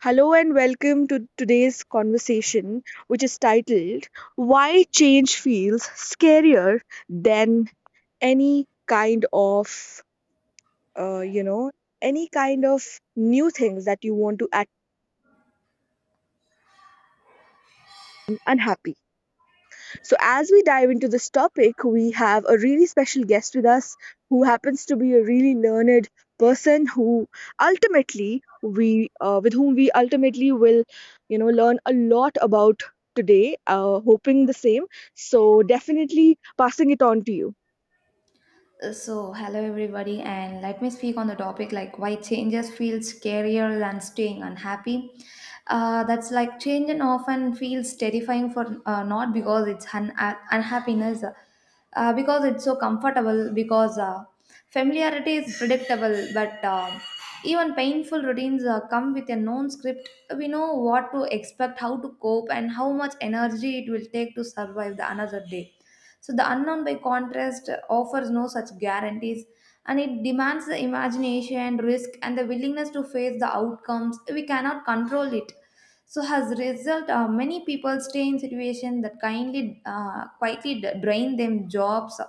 Hello and welcome to today's conversation, which is titled Why Change Feels Scarier Than Any Kind of, uh, you know, any kind of new things that you want to act unhappy. So, as we dive into this topic, we have a really special guest with us who happens to be a really learned person who ultimately we with whom we ultimately will learn a lot about today, hoping the same. So definitely passing it on to you. So, hello everybody, and let me speak on the topic like why changes feel scarier than staying unhappy. That's like change and often feels terrifying for not because it's unhappiness, because it's so comfortable, because familiarity is predictable, but even painful routines come with a known script. We know what to expect, how to cope, and how much energy it will take to survive the another day, so the unknown, by contrast, offers no such guarantees, and it demands the imagination, risk, and the willingness to face the outcomes. We cannot control it. So as a result, many people stay in situation that kindly quietly drain them jobs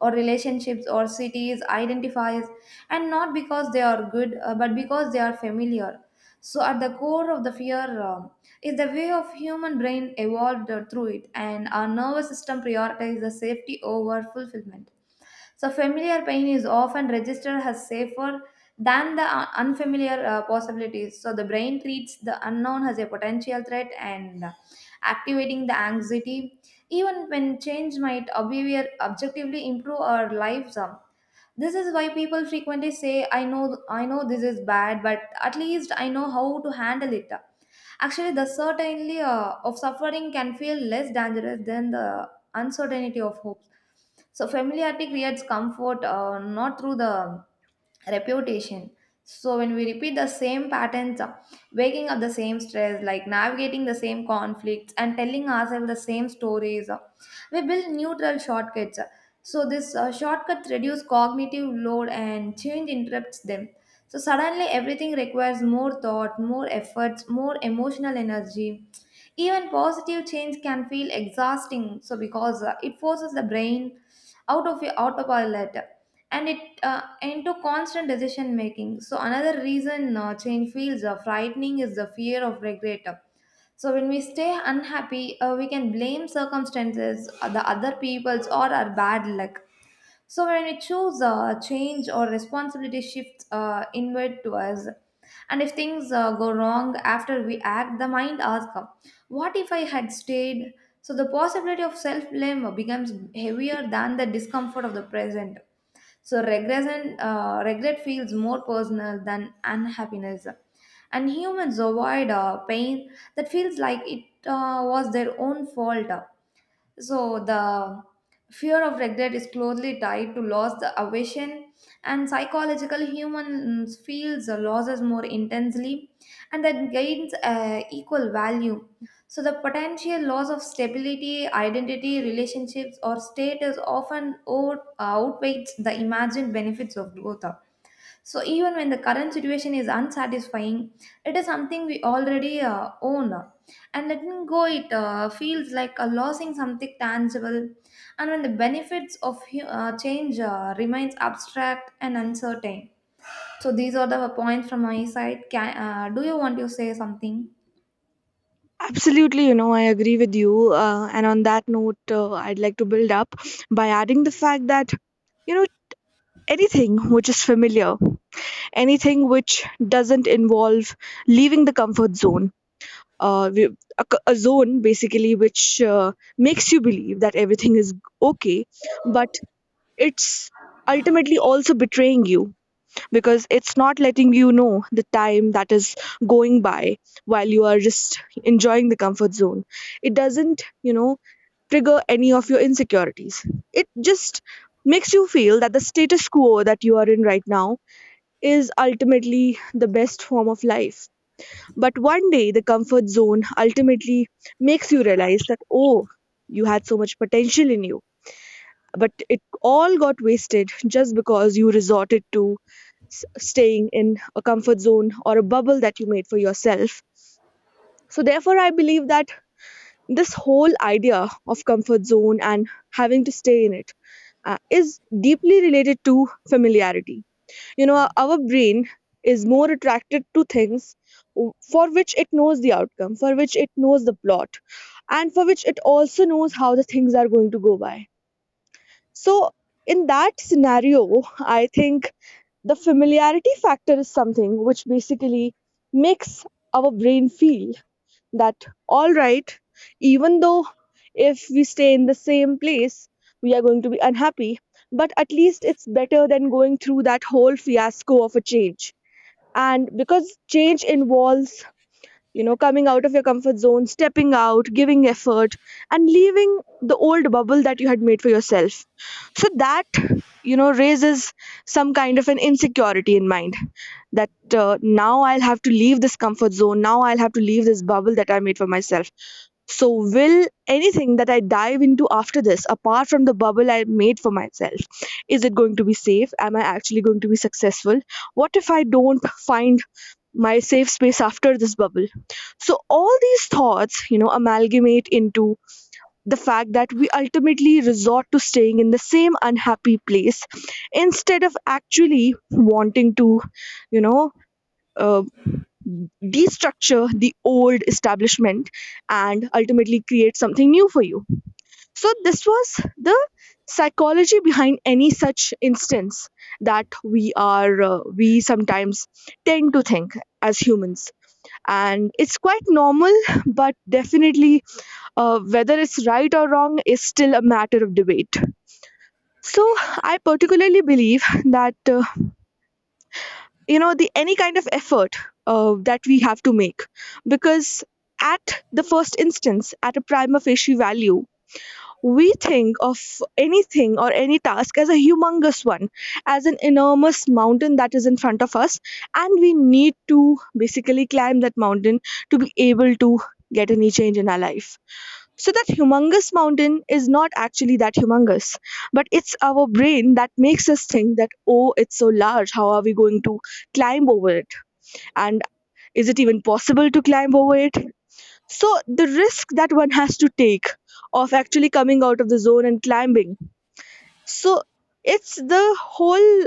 or relationships or cities identifies, and not because they are good but because they are familiar. So at the core of the fear is the way of human brain evolved through it, and our nervous system prioritizes the safety over fulfillment. So, familiar pain is often registered as safer than the unfamiliar possibilities. So, the brain treats the unknown as a potential threat and activating the anxiety. Even when change might objectively improve our lives, this is why people frequently say, "I know, I know this is bad, but at least I know how to handle it." Actually, the certainty of suffering can feel less dangerous than the uncertainty of hopes. So, familiarity creates comfort not through the reputation. So, when we repeat the same patterns, waking up the same stress, like navigating the same conflicts, and telling ourselves the same stories, we build neutral shortcuts. So, this shortcuts reduce cognitive load, and change interrupts them, so suddenly everything requires more thought, more efforts, more emotional energy. Even positive change can feel exhausting. So because it forces the brain out of your autopilot and it into constant decision making. So another reason change feels frightening is the fear of regret. So when we stay unhappy, we can blame circumstances, the other people's, or our bad luck. So when we choose change or responsibility shifts inward to us, and if things go wrong after we act, the mind asks, "Huh, what if I had stayed?" So the possibility of self blame becomes heavier than the discomfort of the present. So regression, regret feels more personal than unhappiness, and humans avoid pain that feels like it was their own fault. So the fear of regret is closely tied to loss, the aversion, and psychological humans feels the losses more intensely, and that gains equal value. So the potential loss of stability, identity, relationships, or status often outweighs the imagined benefits of growth. So even when the current situation is unsatisfying, it is something we already own, and letting go it feels like losing something tangible. And when the benefits of change remains abstract and uncertain. So these are the points from my side. Can, do you want to say something? Absolutely, I agree with you, and on that note, I'd like to build up by adding the fact that, you know anything which is familiar, anything which doesn't involve leaving the comfort zone. Uh, we- a, a zone basically which makes you believe that everything is okay, but it's ultimately also betraying you, because it's not letting you know the time that is going by while you are just enjoying the comfort zone. It doesn't, trigger any of your insecurities. It just makes you feel that the status quo that you are in right now is ultimately the best form of life. But one day, the comfort zone ultimately makes you realize that, oh, you had so much potential in you, but it all got wasted just because you resorted to staying in a comfort zone or a bubble that you made for yourself. So, therefore, I believe that this whole idea of comfort zone and having to stay in it, is deeply related to familiarity. you know our brain is more attracted to things for which it knows the outcome, for which it knows the plot, and for which it also knows how the things are going to go by. So in that scenario, I think the familiarity factor is something which basically makes our brain feel that, all right, even though if we stay in the same place we are going to be unhappy, but at least it's better than going through that whole fiasco of a change. And because change involves, coming out of your comfort zone, stepping out, giving effort, and leaving the old bubble that you had made for yourself. So that, raises some kind of an insecurity in mind that, now I'll have to leave this comfort zone, now I'll have to leave this bubble that I made for myself. So, will anything that I dive into after this, apart from the bubble I made for myself, is it going to be safe? Am I actually going to be successful? What if I don't find my safe space after this bubble? So all these thoughts, amalgamate into the fact that we ultimately resort to staying in the same unhappy place instead of actually wanting to, you know uh, destructure the old establishment and ultimately create something new for you. So this was the psychology behind any such instance that we sometimes tend to think as humans, and it's quite normal. But definitely, whether it's right or wrong is still a matter of debate. So I particularly believe that, the any kind of effort that we have to make, because at the first instance, at a prima facie value, we think of anything or any task as a humongous one, as an enormous mountain that is in front of us, and we need to basically climb that mountain to be able to get any change in our life. So, that humongous mountain is not actually that humongous, but it's our brain that makes us think that, oh, it's so large, how are we going to climb over it? And is it even possible to climb over it? So the risk that one has to take of actually coming out of the zone and climbing. So it's the whole,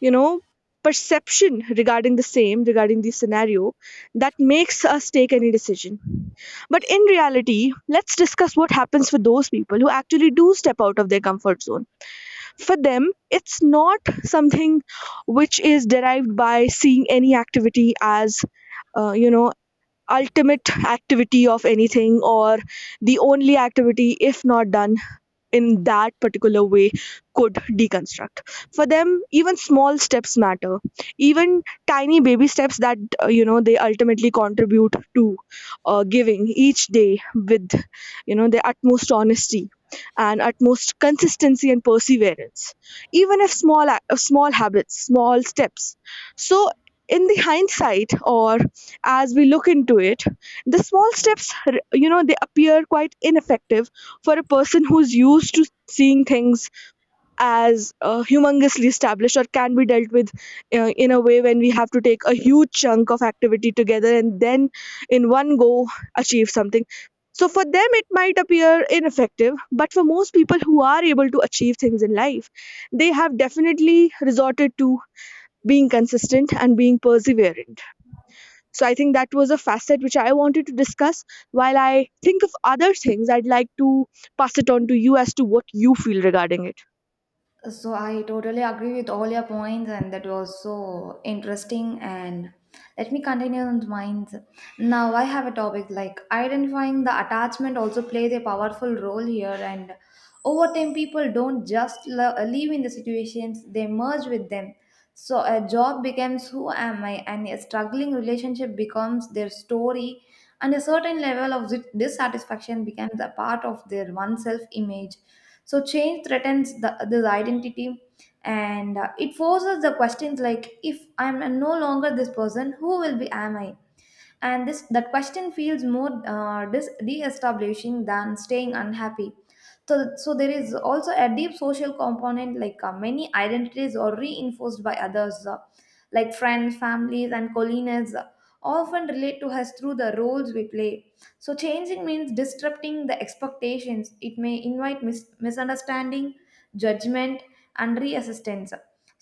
you know, perception regarding the same, regarding the scenario, that makes us take any decision. But in reality, let's discuss what happens for those people who actually do step out of their comfort zone. For them, it's not something which is derived by seeing any activity as, uh, you know ultimate activity of anything, or the only activity, if not done in that particular way, could deconstruct. For them, even small steps matter, even tiny baby steps that, they ultimately contribute to, giving each day with, their utmost honesty and utmost consistency and perseverance, even if small small habits, small steps. So in the hindsight, or as we look into it, the small steps, they appear quite ineffective for a person who's used to seeing things as, humongously established, or can be dealt with, in a way when we have to take a huge chunk of activity together and then in one go achieve something. So for them it might appear ineffective, but for most people who are able to achieve things in life, they have definitely resorted to being consistent and being perseverant. So I think that was a facet which I wanted to discuss. While I think of other things, I'd like to pass it on to you as to what you feel regarding it. So I totally agree with all your points, and that was so interesting. And let me continue on mine. Now I have a topic like identifying the attachment also plays a powerful role here. And over time, people don't just live in the situations; they merge with them. So a job becomes who am I, and a struggling relationship becomes their story, and a certain level of dissatisfaction becomes a part of their oneself image, so change threatens the, this identity, and it forces the questions like, if I'm no longer this person, who will be am I? And this that question feels more de-establishing than staying unhappy. So, so there is also a deep social component like many identities are reinforced by others, like friends families and colleagues often relate to us through the roles we play. So changing means disrupting the expectations, it may invite misunderstanding, judgment, and resistance.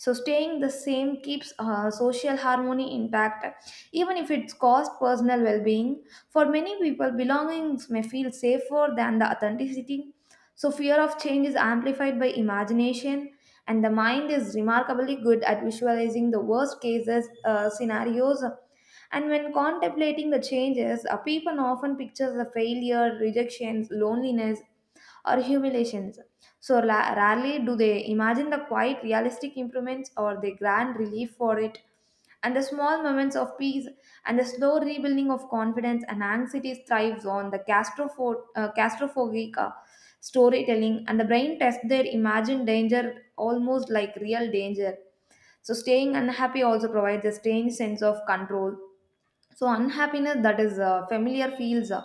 So staying the same keeps social harmony intact, even if it's cost personal well-being. For many people belongings may feel safer than the authenticity. So fear of change is amplified by imagination, and the mind is remarkably good at visualizing the worst cases scenarios, and when contemplating the changes a people often picture the failure rejections loneliness or humiliations. So rarely do they imagine the quiet, realistic improvements or the grand relief for it. And the small moments of peace and the slow rebuilding of confidence, and anxiety thrives on the claustrophobic storytelling, and the brain tests their imagined danger almost like real danger. So, staying unhappy also provides a strange sense of control. So unhappiness that is familiar feels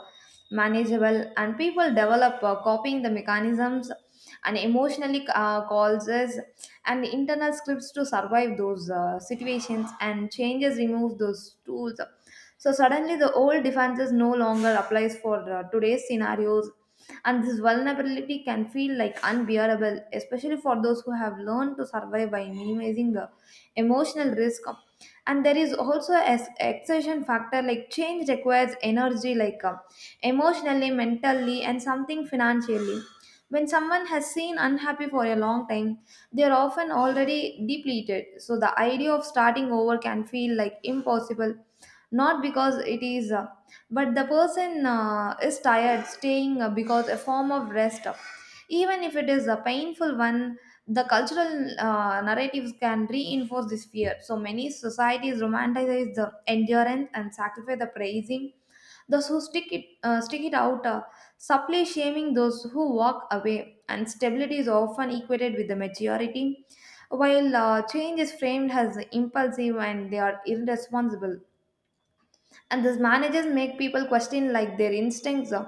manageable, and people develop copying the mechanisms and emotionally causes and internal scripts to survive those situations, and changes remove those tools. So suddenly the old defenses no longer applies for today's scenarios, and this vulnerability can feel like unbearable, especially for those who have learned to survive by minimizing the emotional risk. And there is also a exertion factor like change requires energy like emotionally mentally and something financially. When someone has seen unhappy for a long time, they are often already depleted, so the idea of starting over can feel like impossible, not because it is, but the person is tired staying because a form of rest, even if it is a painful one. The cultural narratives can reinforce this fear. So many societies romanticize the endurance and sacrifice the praising those who stick it out, subtly shaming those who walk away. And stability is often equated with the maturity, while change is framed as impulsive and they are irresponsible, and these managers make people question like their instincts,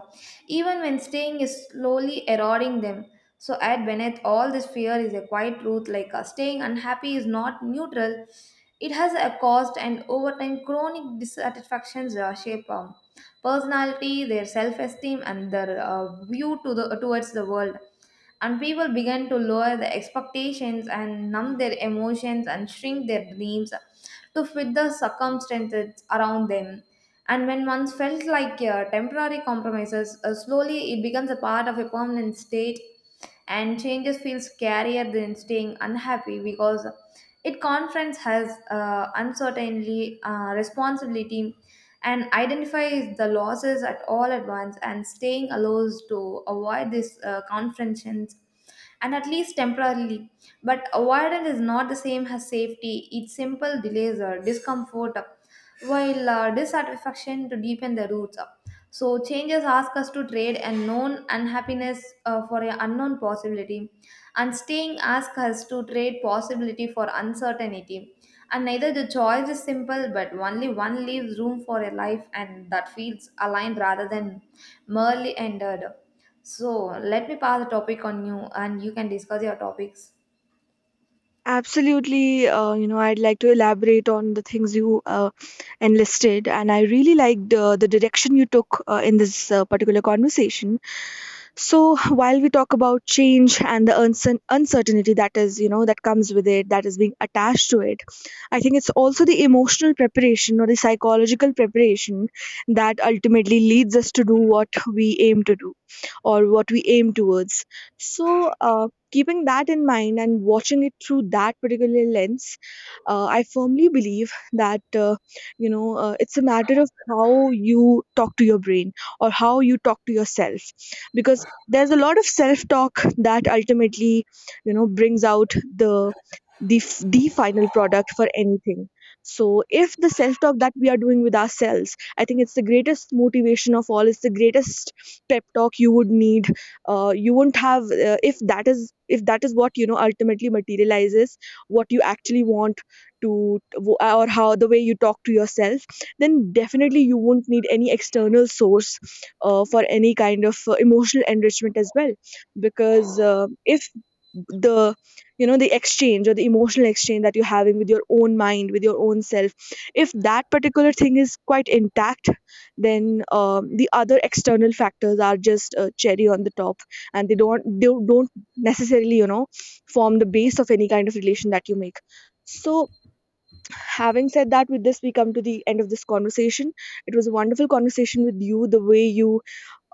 even when staying is slowly eroding them. So at beneath all this fear is a quiet truth, like staying unhappy is not neutral, it has a cost, and over time chronic dissatisfactions shape personality their self-esteem and their view to the towards the world, and people begin to lower their expectations and numb their emotions and shrink their dreams to fit the circumstances around them. And when once felt like temporary compromises, slowly it becomes a part of a permanent state, and changes feel scarier than staying unhappy because it confronts has uncertainty, responsibility, and identify the losses at all at once, and staying alone to avoid these confrontations, and at least temporarily. But avoidance is not the same as safety. It simple delays or discomfort, while dissatisfaction to deepen the roots. So changes ask us to trade a known unhappiness for an unknown possibility, and staying asks us to trade possibility for uncertainty. And neither the choice is simple, but only one leaves room for a life and that feels aligned rather than merely ended. So let me pass the topic on you and you can discuss your topics. Absolutely, I'd like to elaborate on the things you, enlisted, and I really liked, the direction you took, in this, particular conversation. So, while we talk about change and the uncertainty that is, that comes with it, that is being attached to it, I think it's also the emotional preparation or the psychological preparation that ultimately leads us to do what we aim to do, or what we aim towards. So, keeping that in mind and watching it through that particular lens, I firmly believe that, it's a matter of how you talk to your brain, or how you talk to yourself, because there's a lot of self-talk that ultimately, brings out the the final product for anything. So if the self-talk that we are doing with ourselves, I think it's the greatest motivation of all. It's the greatest pep talk you would need. You won't have, if that is what, ultimately materializes what you actually want to, or how the way you talk to yourself, then definitely you won't need any external source, for any kind of, emotional enrichment as well. Because, if the the exchange, or the emotional exchange that you're having with your own mind, with your own self, if that particular thing is quite intact, then, the other external factors are just, cherry on the top, and they don't necessarily, form the base of any kind of relation that you make. So, having said that, with this we come to the end of this conversation. It was a wonderful conversation with you, the way you,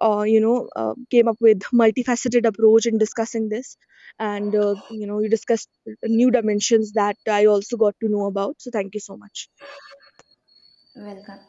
you know came up with multifaceted approach in discussing this, and, you discussed new dimensions that I also got to know about. So thank you so much. Welcome.